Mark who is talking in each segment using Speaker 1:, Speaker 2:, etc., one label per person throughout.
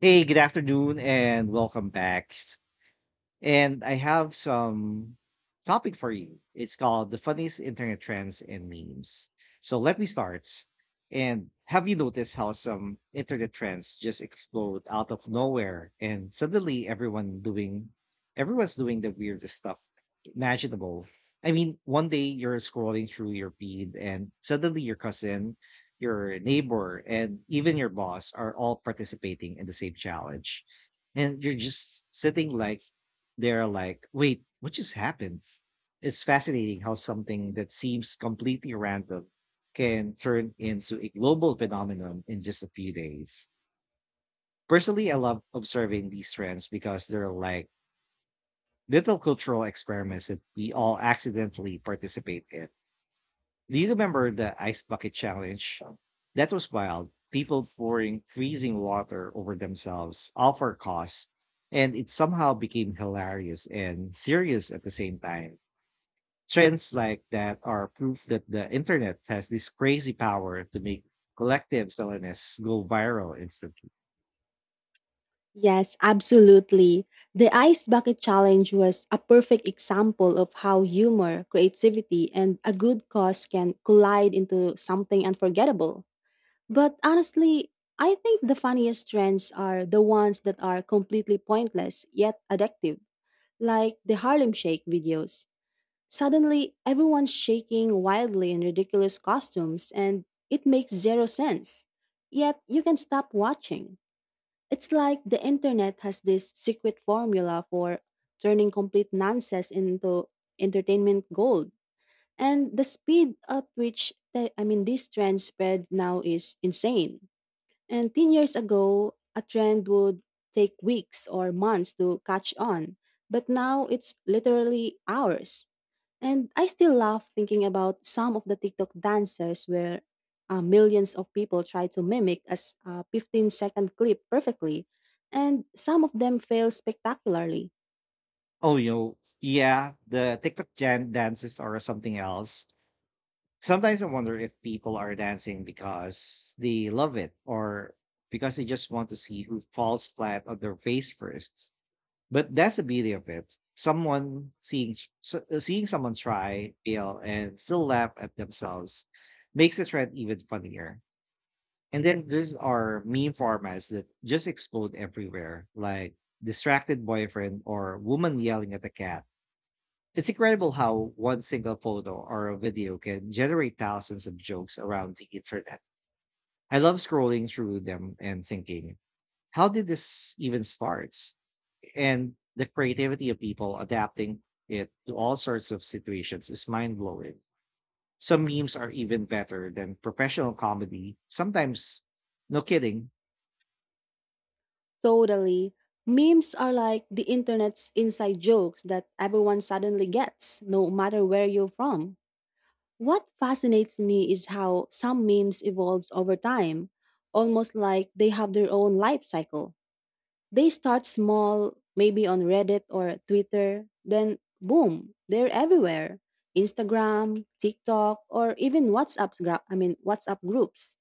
Speaker 1: Hey, good afternoon and welcome back. And I have some topic for you. It's called the funniest internet trends and memes. So let me start. And have you noticed how some internet trends just explode out of nowhere and suddenly everyone's doing the weirdest stuff imaginable. I mean, one day you're scrolling through your feed and suddenly your cousin, your neighbor, and even your boss are all participating in the same challenge. And you're just sitting like they're like, wait, what just happened? It's fascinating how something that seems completely random can turn into a global phenomenon in just a few days. Personally, I love observing these trends because they're like little cultural experiments that we all accidentally participate in. Do you remember the ice bucket challenge? That was wild. People pouring freezing water over themselves, all for cause. And it somehow became hilarious and serious at the same time. Trends like that are proof that the internet has this crazy power to make collective silliness go viral instantly.
Speaker 2: Yes, absolutely. The Ice Bucket Challenge was a perfect example of how humor, creativity, and a good cause can collide into something unforgettable. But honestly, I think the funniest trends are the ones that are completely pointless yet addictive, like the Harlem Shake videos. Suddenly, everyone's shaking wildly in ridiculous costumes and it makes zero sense. Yet, you can stop watching. It's like the internet has this secret formula for turning complete nonsense into entertainment gold. And the speed at which these trends spread now is insane. And 10 years ago, a trend would take weeks or months to catch on, but now it's literally hours. And I still laugh thinking about some of the TikTok dancers where millions of people try to mimic as a 15-second clip perfectly, and some of them fail spectacularly.
Speaker 1: Oh, yeah, the TikTok Jan dances are something else. Sometimes I wonder if people are dancing because they love it or because they just want to see who falls flat on their face first. But that's the beauty of it. Someone seeing someone try, fail, and still laugh at themselves makes the trend even funnier. And then there's our meme formats that just explode everywhere, like distracted boyfriend or woman yelling at a cat. It's incredible how one single photo or a video can generate thousands of jokes around the internet. I love scrolling through them and thinking, how did this even start? And the creativity of people adapting it to all sorts of situations is mind blowing. Some memes are even better than professional comedy. Sometimes, no kidding.
Speaker 2: Totally. Memes are like the internet's inside jokes that everyone suddenly gets, no matter where you're from. What fascinates me is how some memes evolve over time, almost like they have their own life cycle. They start small, maybe on Reddit or Twitter, then boom, they're everywhere. Instagram, TikTok, or even WhatsApp gra- I mean WhatsApp groups.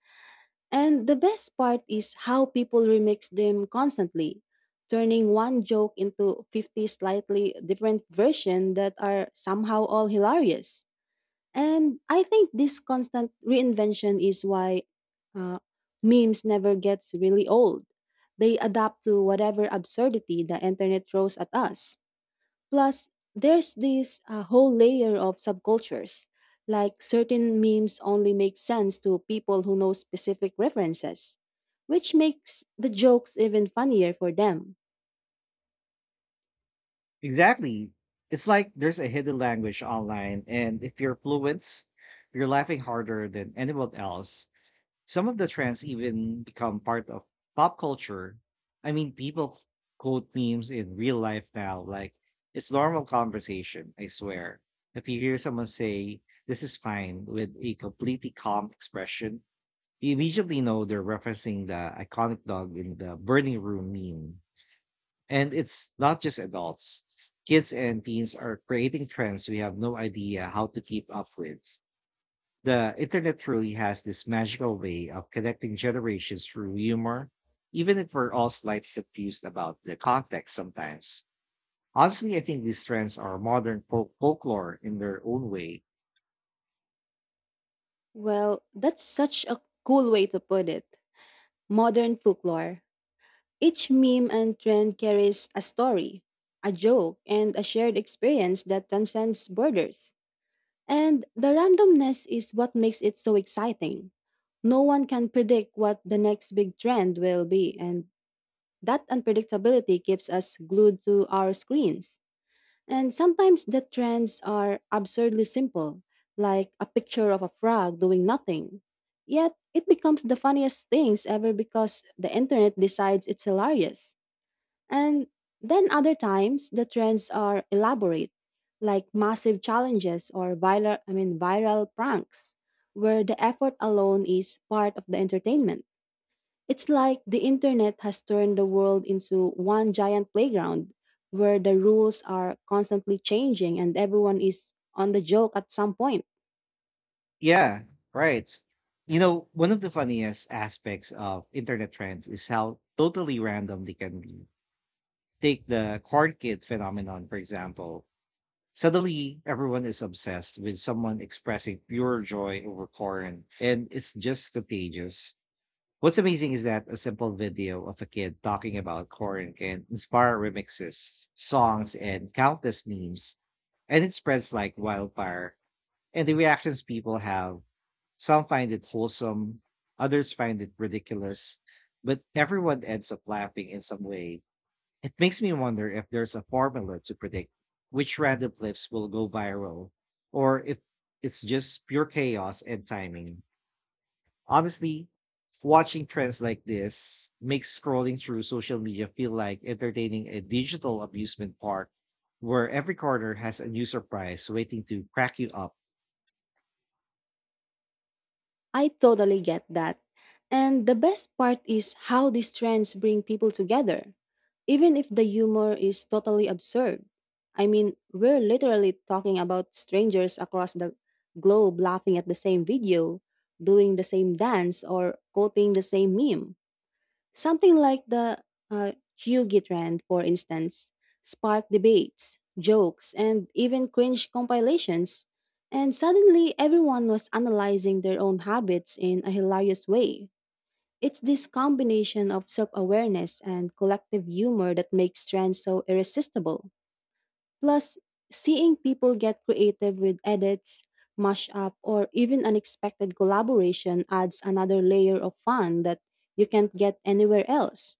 Speaker 2: And the best part is how people remix them constantly, turning one joke into 50 slightly different versions that are somehow all hilarious. And I think this constant reinvention is why uh, memes never gets really old. They adapt to whatever absurdity the internet throws at us. Plus, there's this whole layer of subcultures, like certain memes only make sense to people who know specific references, which makes the jokes even funnier for them.
Speaker 1: Exactly. It's like there's a hidden language online, and if you're fluent, you're laughing harder than anyone else. Some of the trends even become part of pop culture. I mean, people quote memes in real life now, like it's normal conversation, I swear. If you hear someone say, this is fine, with a completely calm expression, you immediately know they're referencing the iconic dog in the burning room meme. And it's not just adults. Kids and teens are creating trends we have no idea how to keep up with. The internet truly has this magical way of connecting generations through humor, even if we're all slightly confused about the context sometimes. Honestly, I think these trends are modern folklore in their own way.
Speaker 2: Well, that's such a cool way to put it. Modern folklore. Each meme and trend carries a story, a joke, and a shared experience that transcends borders. And the randomness is what makes it so exciting. No one can predict what the next big trend will be, and that unpredictability keeps us glued to our screens. And sometimes the trends are absurdly simple, like a picture of a frog doing nothing. Yet it becomes the funniest things ever because the internet decides it's hilarious. And then other times the trends are elaborate, like massive challenges or viral I mean viral pranks, where the effort alone is part of the entertainment. It's like the internet has turned the world into one giant playground where the rules are constantly changing and everyone is on the joke at some point.
Speaker 1: Yeah, right. You know, one of the funniest aspects of internet trends is how totally random they can be. Take the corn kid phenomenon, for example. Suddenly, everyone is obsessed with someone expressing pure joy over Korin, and it's just contagious. What's amazing is that a simple video of a kid talking about Korin can inspire remixes, songs, and countless memes, and it spreads like wildfire. And the reactions people have, some find it wholesome, others find it ridiculous, but everyone ends up laughing in some way. It makes me wonder if there's a formula to predict which random clips will go viral, or if it's just pure chaos and timing. Honestly, watching trends like this makes scrolling through social media feel like entertaining a digital amusement park where every corner has a new surprise waiting to crack you up.
Speaker 2: I totally get that. And the best part is how these trends bring people together even if the humor is totally absurd. I mean, we're literally talking about strangers across the globe laughing at the same video, doing the same dance, or quoting the same meme. Something like the Hyugi trend, for instance, sparked debates, jokes, and even cringe compilations. And suddenly, everyone was analyzing their own habits in a hilarious way. It's this combination of self awareness and collective humor that makes trends so irresistible. Plus, seeing people get creative with edits, mashup, or even unexpected collaboration adds another layer of fun that you can't get anywhere else.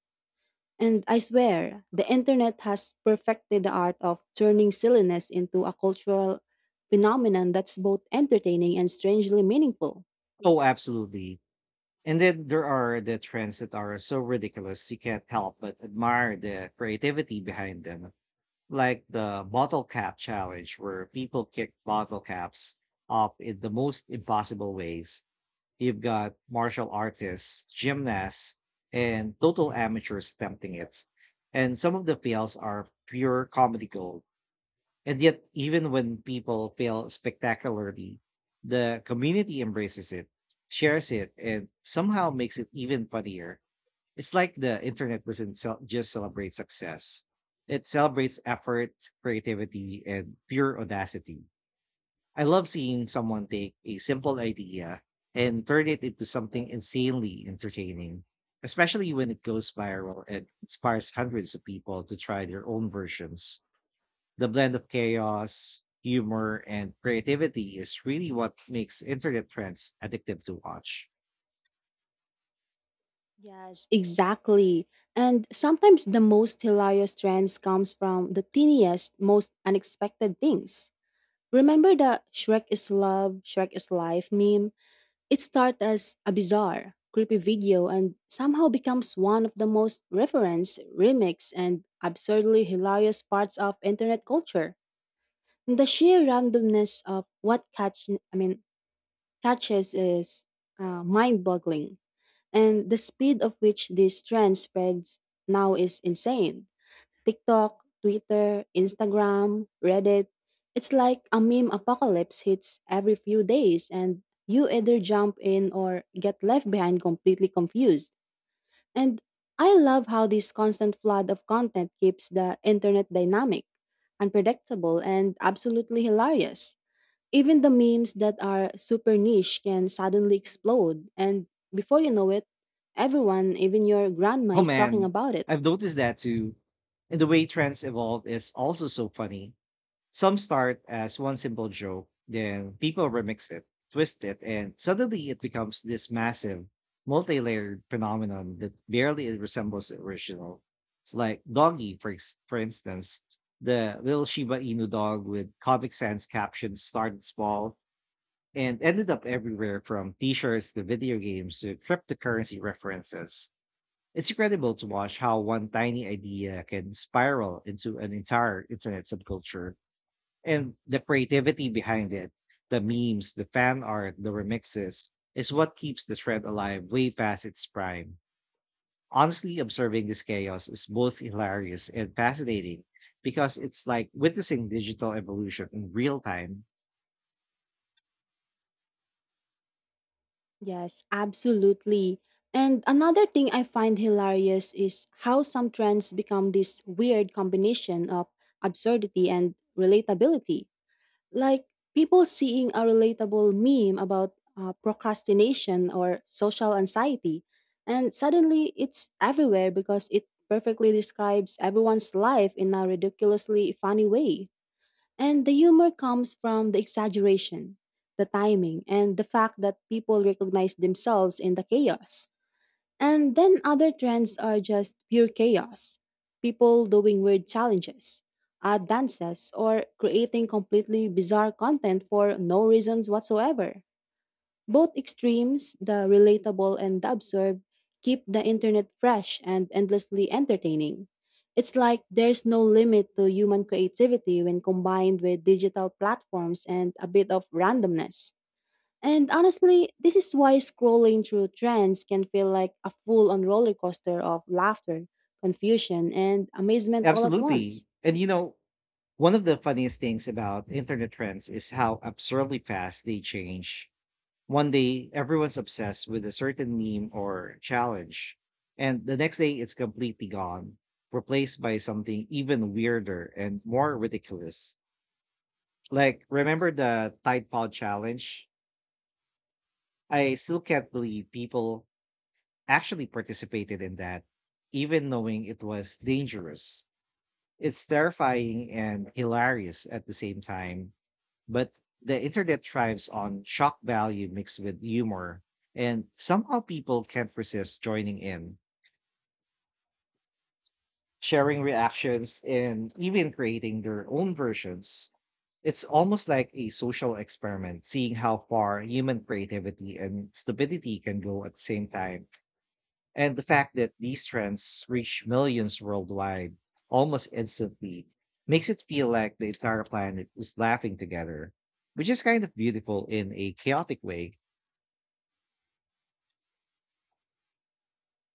Speaker 2: And I swear, the internet has perfected the art of turning silliness into a cultural phenomenon that's both entertaining and strangely meaningful.
Speaker 1: Oh, absolutely. And then there are the trends that are so ridiculous you can't help but admire the creativity behind them, like the bottle cap challenge where people kick bottle caps up in the most impossible ways. You've got martial artists, gymnasts, and total amateurs attempting it. And some of the fails are pure comedy gold. And yet, even when people fail spectacularly, the community embraces it, shares it, and somehow makes it even funnier. It's like the internet doesn't cel- just celebrate success. It celebrates effort, creativity, and pure audacity. I love seeing someone take a simple idea and turn it into something insanely entertaining, especially when it goes viral and inspires hundreds of people to try their own versions. The blend of chaos, humor, and creativity is really what makes internet trends addictive to watch.
Speaker 2: Yes, exactly. And sometimes the most hilarious trends comes from the teeniest, most unexpected things. Remember the Shrek is love, Shrek is life meme? It started as a bizarre, creepy video and somehow becomes one of the most referenced, remixed, and absurdly hilarious parts of internet culture. The sheer randomness of what catches is mind-boggling. And the speed of which this trend spreads now is insane. TikTok, Twitter, Instagram, Reddit. It's like a meme apocalypse hits every few days, and you either jump in or get left behind completely confused. And I love how this constant flood of content keeps the internet dynamic, unpredictable, and absolutely hilarious. Even the memes that are super niche can suddenly explode, and before you know it, everyone, even your grandma,
Speaker 1: Oh
Speaker 2: is talking
Speaker 1: man,
Speaker 2: about it.
Speaker 1: I've noticed that too. And the way trends evolve is also so funny. Some start as one simple joke, then people remix it, twist it, and suddenly it becomes this massive, multi layered phenomenon that barely resembles the original. It's like Doggy, for instance. The little Shiba Inu dog with Comic Sans captions started small and ended up everywhere, from t shirts to video games to cryptocurrency references. It's incredible to watch how one tiny idea can spiral into an entire internet subculture, and the creativity behind it, the memes, the fan art, the remixes, is what keeps the thread alive way past its prime. Honestly, observing this chaos is both hilarious and fascinating because it's like witnessing digital evolution in real time.
Speaker 2: Yes, absolutely. And another thing I find hilarious is how some trends become this weird combination of absurdity and relatability. Like people seeing a relatable meme about procrastination or social anxiety and suddenly it's everywhere because it perfectly describes everyone's life in a ridiculously funny way and the humor comes from the exaggeration the timing and the fact that people recognize themselves in the chaos and then other trends are just pure chaos. People doing weird challenges, odd dances, or creating completely bizarre content for no reasons whatsoever. Both extremes, the relatable and the absurd, keep the internet fresh and endlessly entertaining. It's like there's no limit to human creativity when combined with digital platforms and a bit of randomness. And honestly, this is why scrolling through trends can feel like a full on roller coaster of laughter, confusion, and amazement all at
Speaker 1: Absolutely.
Speaker 2: once.
Speaker 1: And you know, one of the funniest things about internet trends is how absurdly fast they change. One day, everyone's obsessed with a certain meme or challenge, and the next day it's completely gone, replaced by something even weirder and more ridiculous. Like, remember the Tide Pod challenge? I still can't believe people actually participated in that, even knowing it was dangerous. It's terrifying and hilarious at the same time. But the internet thrives on shock value mixed with humor, and somehow people can't resist joining in, sharing reactions, and even creating their own versions. It's almost like a social experiment, seeing how far human creativity and stupidity can go at the same time. And the fact that these trends reach millions worldwide almost instantly makes it feel like the entire planet is laughing together, which is kind of beautiful in a chaotic way.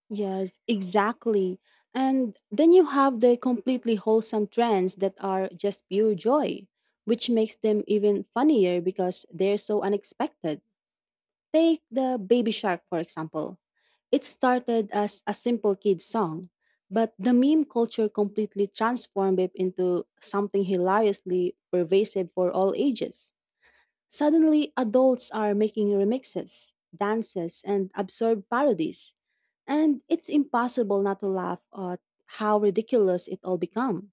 Speaker 2: Yes, exactly. And then you have the completely wholesome trends that are just pure joy, which makes them even funnier because they're so unexpected. Take the Baby Shark, for example. It started as a simple kid's song, but the meme culture completely transformed it into something hilariously pervasive for all ages. Suddenly, adults are making remixes, dances, and absurd parodies, and it's impossible not to laugh at how ridiculous it all becomes.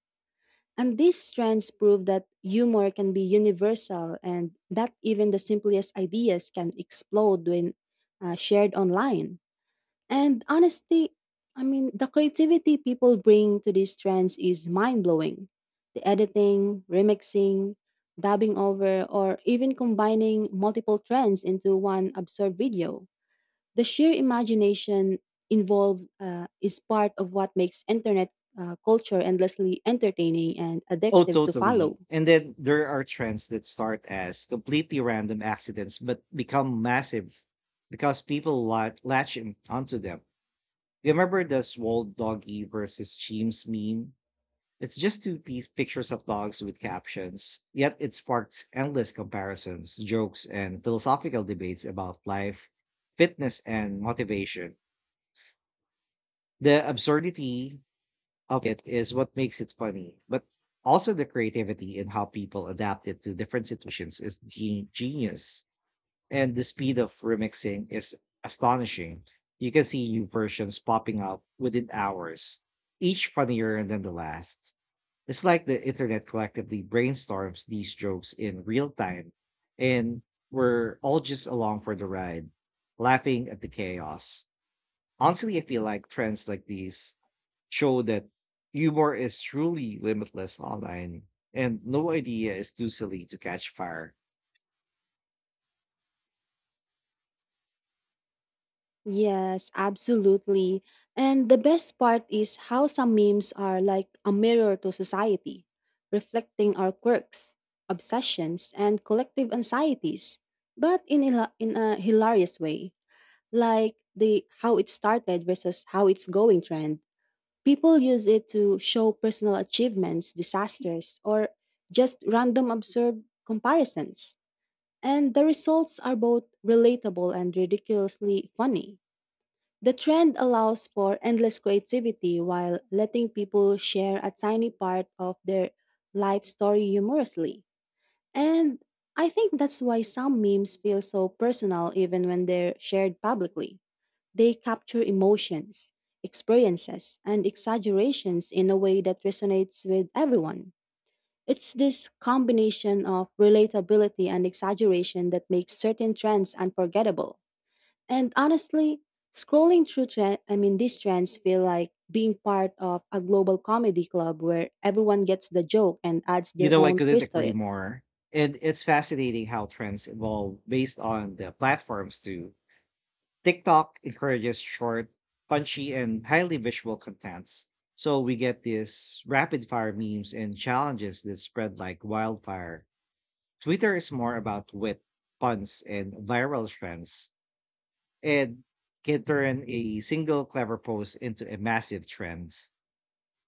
Speaker 2: And these trends prove that humor can be universal and that even the simplest ideas can explode when shared online. And honestly, I mean, the creativity people bring to these trends is mind blowing. The editing, remixing, dubbing over, or even combining multiple trends into one absurd video. The sheer imagination involved is part of what makes internet culture endlessly entertaining and
Speaker 1: Oh,
Speaker 2: addictive to follow.
Speaker 1: totally. And then there are trends that start as completely random accidents but become massive because people onto them. Remember the swole doggy versus Cheems meme? It's just two-piece pictures of dogs with captions, yet it sparks endless comparisons, jokes, and philosophical debates about life, fitness, and motivation. The absurdity of it is what makes it funny, but also the creativity in how people adapt it to different situations is genius. And the speed of remixing is astonishing. You can see new versions popping up within hours, each funnier than the last. It's like the internet collectively brainstorms these jokes in real time, and we're all just along for the ride, laughing at the chaos. Honestly, I feel like trends like these show that humor is truly limitless online, and no idea is too silly to catch fire.
Speaker 2: Yes, absolutely. And the best part is how some memes are like a mirror to society, reflecting our quirks, obsessions, and collective anxieties, but in a hilarious way, like the how it started versus how it's going trend. People use it to show personal achievements, disasters, or just random absurd comparisons. And the results are both relatable and ridiculously funny. The trend allows for endless creativity while letting people share a tiny part of their life story humorously. And I think that's why some memes feel so personal even when they're shared publicly. They capture emotions, experiences, and exaggerations in a way that resonates with everyone. It's this combination of relatability and exaggeration that makes certain trends unforgettable. And honestly, scrolling through trend, I mean these trends feel like being part of a global comedy club where everyone gets the joke and adds
Speaker 1: You
Speaker 2: their
Speaker 1: know, I
Speaker 2: own
Speaker 1: couldn't
Speaker 2: twist to
Speaker 1: agree
Speaker 2: it.
Speaker 1: more. And it's fascinating how trends evolve based on the platforms, too. TikTok encourages short, punchy, and highly visual contents. So we get these rapid fire memes and challenges that spread like wildfire. Twitter is more about wit, puns, and viral trends, and can turn a single clever post into a massive trend.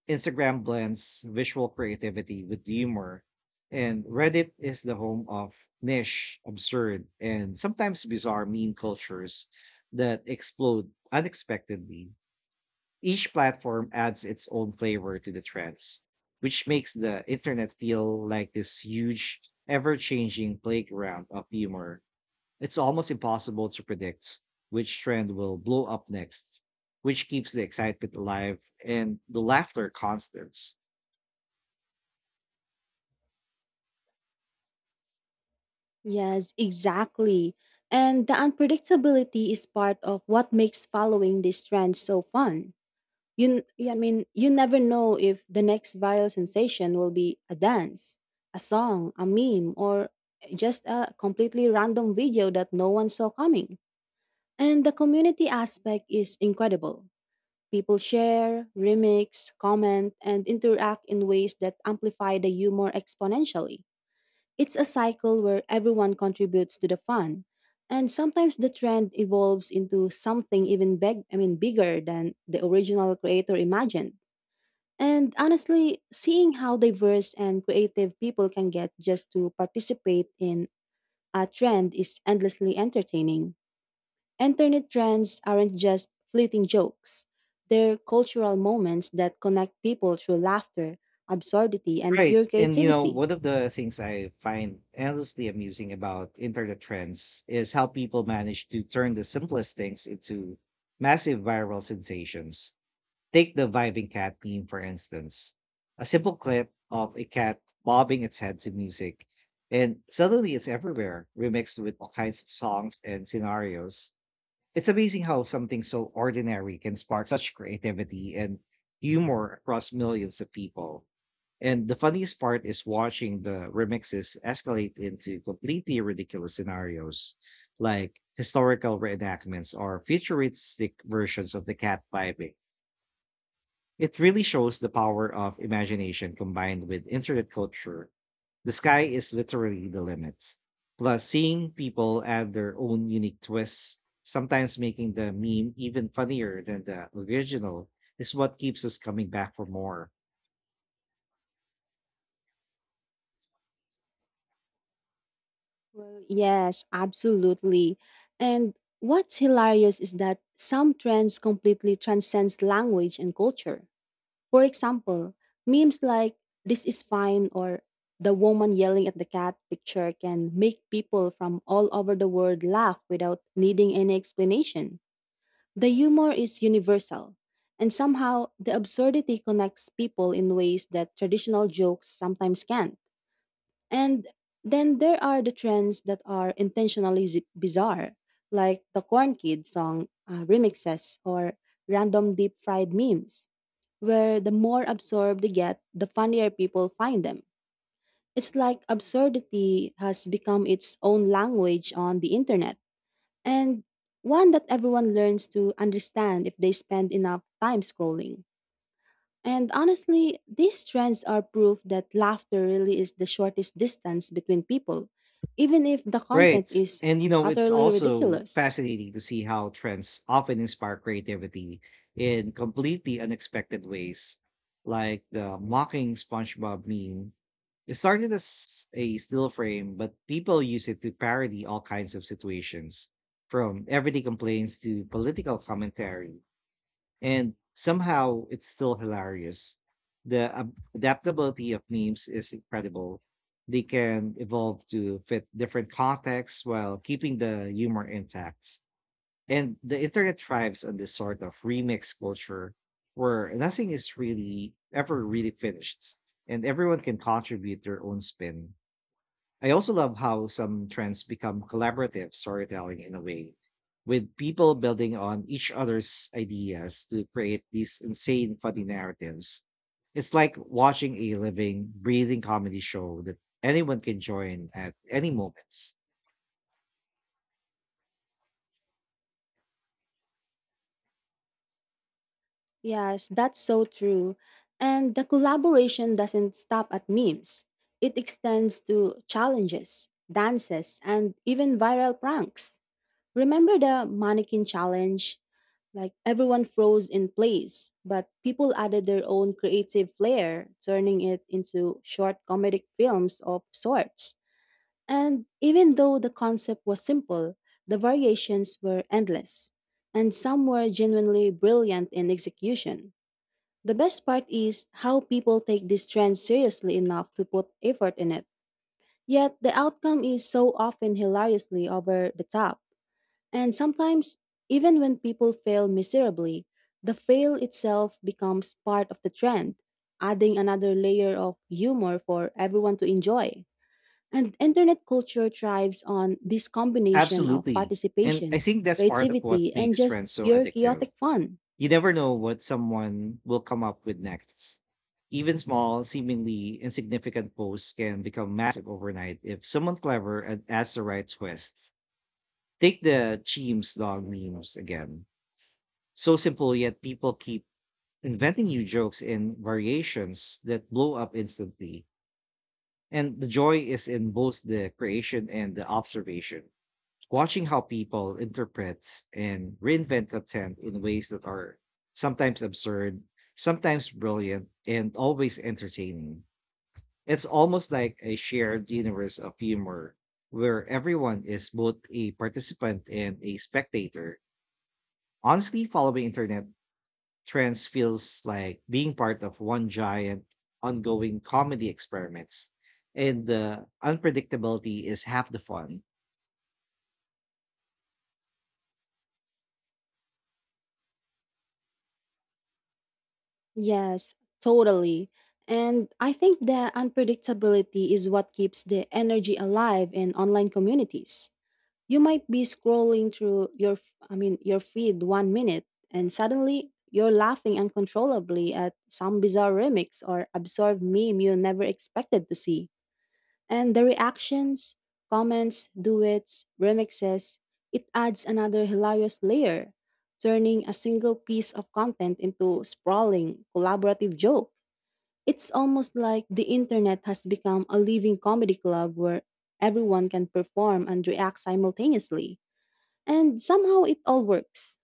Speaker 1: Instagram blends visual creativity with humor, and Reddit is the home of niche, absurd, and sometimes bizarre meme cultures that explode unexpectedly. Each platform adds its own flavor to the trends, which makes the internet feel like this huge, ever changing playground of humor. It's almost impossible to predict which trend will blow up next, which keeps the excitement alive and the laughter constant.
Speaker 2: Yes, exactly. And the unpredictability is part of what makes following these trends so fun. You you never know if the next viral sensation will be a dance, a song, a meme, or just a completely random video that no one saw coming. And the community aspect is incredible. People share, remix, comment, and interact in ways that amplify the humor exponentially. It's a cycle where everyone contributes to the fun, and sometimes the trend evolves into something even bigger than the original creator imagined. And honestly, seeing how diverse and creative people can get just to participate in a trend is endlessly entertaining. Internet trends aren't just fleeting jokes, they're cultural moments that connect people through laughter, absurdity, and
Speaker 1: Right.
Speaker 2: pure
Speaker 1: And you know,
Speaker 2: creativity.
Speaker 1: one of the things I find endlessly amusing about internet trends is how people manage to turn the simplest things into massive viral sensations. Take the vibing cat meme, for instance. A simple clip of a cat bobbing its head to music, and suddenly it's everywhere, remixed with all kinds of songs and scenarios. It's amazing how something so ordinary can spark such creativity and humor across millions of people, and the funniest part is watching the remixes escalate into completely ridiculous scenarios, like historical reenactments or futuristic versions of the cat piping. It really shows the power of imagination combined with internet culture. The sky is literally the limit. Plus, seeing people add their own unique twists, sometimes making the meme even funnier than the original, is what keeps us coming back for more.
Speaker 2: Well, yes, absolutely. And what's hilarious is that some trends completely transcends language and culture. For example, memes like this is fine or the woman yelling at the cat picture can make people from all over the world laugh without needing any explanation. The humor is universal, and somehow the absurdity connects people in ways that traditional jokes sometimes can't. And then there are the trends that are intentionally bizarre, like the Corn Kid song remixes or random deep fried memes where the more absorbed they get, the funnier people find them. It's like absurdity has become its own language on the internet, and one that everyone learns to understand if they spend enough time scrolling. And honestly, these trends are proof that laughter really is the shortest distance between people, even if the
Speaker 1: Right.
Speaker 2: content is
Speaker 1: And you know, it's
Speaker 2: utterly
Speaker 1: also
Speaker 2: ridiculous.
Speaker 1: fascinating to see how trends often inspire creativity in completely unexpected ways, like the mocking SpongeBob meme. It started as a still frame, but people use it to parody all kinds of situations, from everyday complaints to political commentary. And somehow it's still hilarious. The adaptability of memes is incredible. They can evolve to fit different contexts while keeping the humor intact. And the internet thrives on this sort of remix culture where nothing is really finished and everyone can contribute their own spin. I also love how some trends become collaborative storytelling in a way, with people building on each other's ideas to create these insane, funny narratives. It's like watching a living, breathing comedy show that anyone can join at any moment.
Speaker 2: Yes, that's so true. And the collaboration doesn't stop at memes. It extends to challenges, dances, and even viral pranks. Remember the mannequin challenge? Like everyone froze in place, but people added their own creative flair, turning it into short comedic films of sorts. And even though the concept was simple, the variations were endless, and some were genuinely brilliant in execution. The best part is how people take this trend seriously enough to put effort in it. Yet the outcome is so often hilariously over the top. And sometimes, even when people fail miserably, the fail itself becomes part of the trend, adding another layer of humor for everyone to enjoy. And internet culture thrives on this combination of
Speaker 1: Absolutely. And I
Speaker 2: participation,
Speaker 1: think that's part of what
Speaker 2: creativity, and
Speaker 1: makes
Speaker 2: just
Speaker 1: trends so
Speaker 2: pure
Speaker 1: addictive.
Speaker 2: chaotic fun.
Speaker 1: You never know what someone will come up with next. Even small, seemingly insignificant posts can become massive overnight if someone clever and adds the right twist. Take the Cheems dog memes again. So simple, yet people keep inventing new jokes and variations that blow up instantly. And the joy is in both the creation and the observation, watching how people interprets and reinvent content in ways that are sometimes absurd, sometimes brilliant, and always entertaining. It's almost like a shared universe of humor where everyone is both a participant and a spectator. Honestly, following internet trends feels like being part of one giant ongoing comedy experiments. And the unpredictability is half the fun.
Speaker 2: Yes, totally. And I think that unpredictability is what keeps the energy alive in online communities. You might be scrolling through your f- I mean your feed one minute and suddenly you're laughing uncontrollably at some bizarre remix or absurd meme you never expected to see. And the reactions, comments, duets, remixes, it adds another hilarious layer, turning a single piece of content into sprawling, collaborative joke. It's almost like the internet has become a living comedy club where everyone can perform and react simultaneously. And somehow it all works.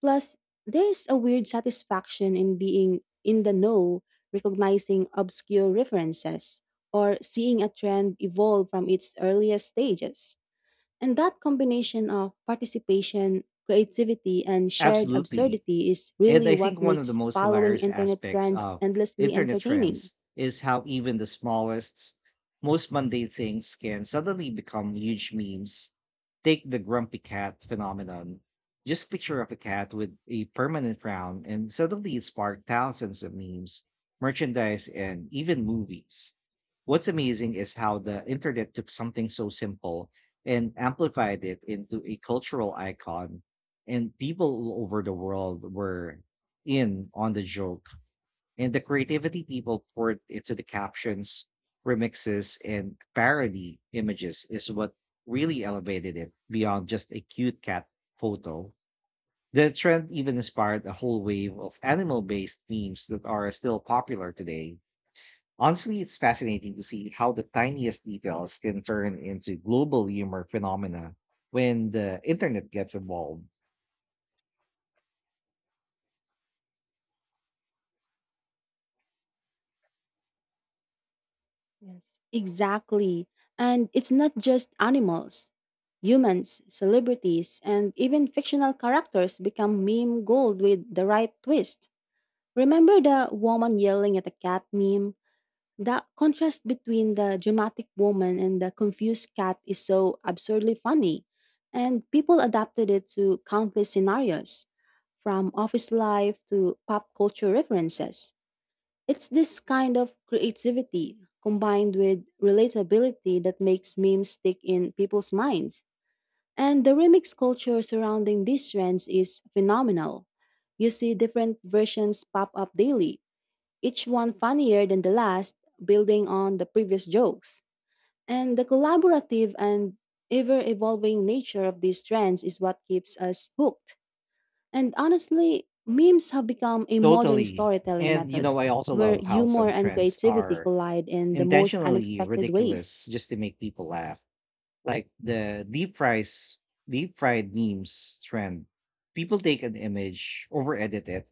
Speaker 2: Plus, there's a weird satisfaction in being in the know, recognizing obscure references, or seeing a trend evolve from its earliest stages. And that combination of participation, creativity, and shared
Speaker 1: Absolutely.
Speaker 2: absurdity is
Speaker 1: And
Speaker 2: really
Speaker 1: I
Speaker 2: what
Speaker 1: think one of the
Speaker 2: makes
Speaker 1: most
Speaker 2: following
Speaker 1: hilarious
Speaker 2: internet
Speaker 1: aspects
Speaker 2: trends
Speaker 1: of
Speaker 2: endlessly
Speaker 1: internet
Speaker 2: entertaining.
Speaker 1: trends is how even the smallest, most mundane things can suddenly become huge memes. Take the grumpy cat phenomenon. Just picture of a cat with a permanent frown, and suddenly it sparked thousands of memes, merchandise, and even movies. What's amazing is how the internet took something so simple and amplified it into a cultural icon, and people all over the world were in on the joke. And the creativity people poured into the captions, remixes, and parody images is what really elevated it beyond just a cute cat photo. The trend even inspired a whole wave of animal based memes that are still popular today. Honestly, it's fascinating to see how the tiniest details can turn into global humor phenomena when the internet gets involved.
Speaker 2: Yes, exactly. And it's not just animals. Humans, celebrities, and even fictional characters become meme gold with the right twist. Remember the woman yelling at a cat meme? The contrast between the dramatic woman and the confused cat is so absurdly funny, and people adapted it to countless scenarios, from office life to pop culture references. It's this kind of creativity combined with relatability that makes memes stick in people's minds. And the remix culture surrounding these trends is phenomenal. You see different versions pop up daily, each one funnier than the last, building on the previous jokes. And the collaborative and ever evolving nature of these trends is what keeps us hooked. And honestly, memes have become a modern
Speaker 1: Totally.
Speaker 2: storytelling
Speaker 1: And you
Speaker 2: method
Speaker 1: know, I also
Speaker 2: where
Speaker 1: love how
Speaker 2: humor
Speaker 1: some
Speaker 2: and
Speaker 1: trends
Speaker 2: creativity
Speaker 1: are
Speaker 2: collide in the most
Speaker 1: intentionally
Speaker 2: unexpected ways.
Speaker 1: ridiculous just to make people laugh. Like the deep fries, deep fried memes trend. People take an image, over edit it,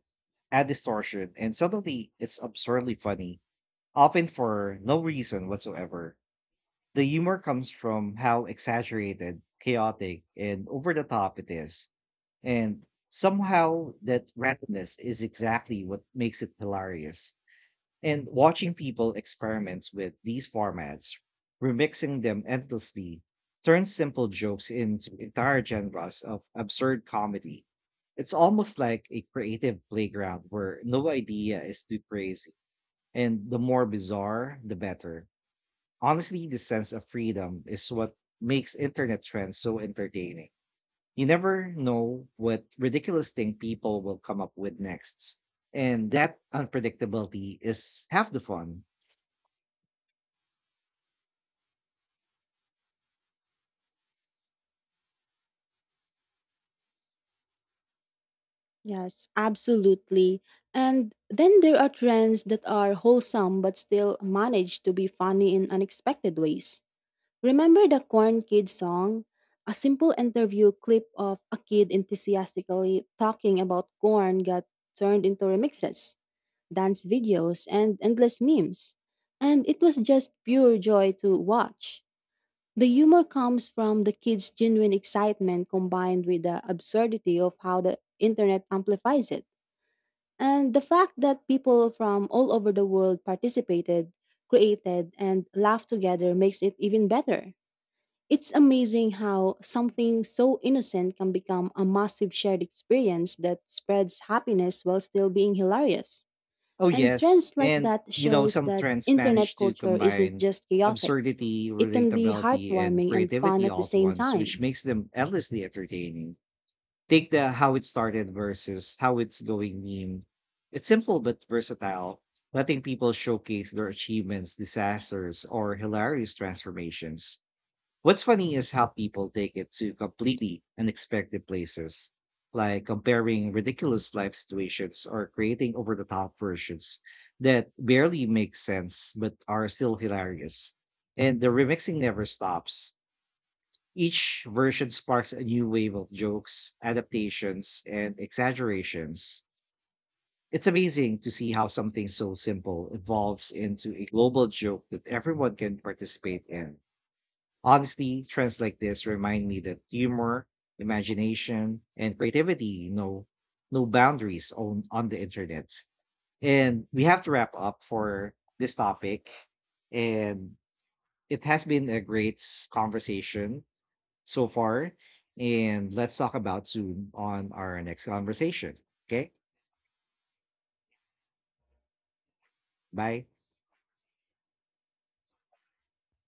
Speaker 1: add distortion, and suddenly it's absurdly funny, often for no reason whatsoever. The humor comes from how exaggerated, chaotic, and over the top it is. And somehow that randomness is exactly what makes it hilarious. And watching people experiments with these formats, remixing them endlessly, turns simple jokes into entire genres of absurd comedy. It's almost like a creative playground where no idea is too crazy, and the more bizarre, the better. Honestly, the sense of freedom is what makes internet trends so entertaining. You never know what ridiculous thing people will come up with next. And that unpredictability is half the fun.
Speaker 2: Yes, absolutely. And then there are trends that are wholesome but still manage to be funny in unexpected ways. Remember the Corn Kid song? A simple interview clip of a kid enthusiastically talking about corn got turned into remixes dance videos, and endless memes. And it was just pure joy to watch. The humor comes from the kids' genuine excitement combined with the absurdity of how the internet amplifies it. And the fact that people from all over the world participated, created, and laughed together makes it even better. It's amazing how something so innocent can become a massive shared experience that spreads happiness while still being hilarious.
Speaker 1: Oh,
Speaker 2: And
Speaker 1: yes.
Speaker 2: trends like
Speaker 1: And,
Speaker 2: that
Speaker 1: you know,
Speaker 2: shows
Speaker 1: some
Speaker 2: that
Speaker 1: trends
Speaker 2: internet
Speaker 1: manage to
Speaker 2: culture isn't
Speaker 1: combine
Speaker 2: just chaotic.
Speaker 1: absurdity,
Speaker 2: It can be
Speaker 1: relatability, and
Speaker 2: heartwarming and fun
Speaker 1: creativity
Speaker 2: at the
Speaker 1: all at
Speaker 2: same
Speaker 1: once, which
Speaker 2: time.
Speaker 1: makes them endlessly entertaining. Take the how it started versus how it's going in. It's simple but versatile, letting people showcase their achievements, disasters, or hilarious transformations. What's funny is how people take it to completely unexpected places, like comparing ridiculous life situations or creating over the top versions that barely make sense but are still hilarious. And the remixing never stops, each version sparks a new wave of jokes, adaptations, and exaggerations. It's amazing to see how something so simple evolves into a global joke that everyone can participate in. Honestly, trends like this remind me that humor, imagination, and creativity know no boundaries on the internet. And we have to wrap up for this topic. And it has been a great conversation so far. And let's talk about soon on our next conversation. Okay. Bye.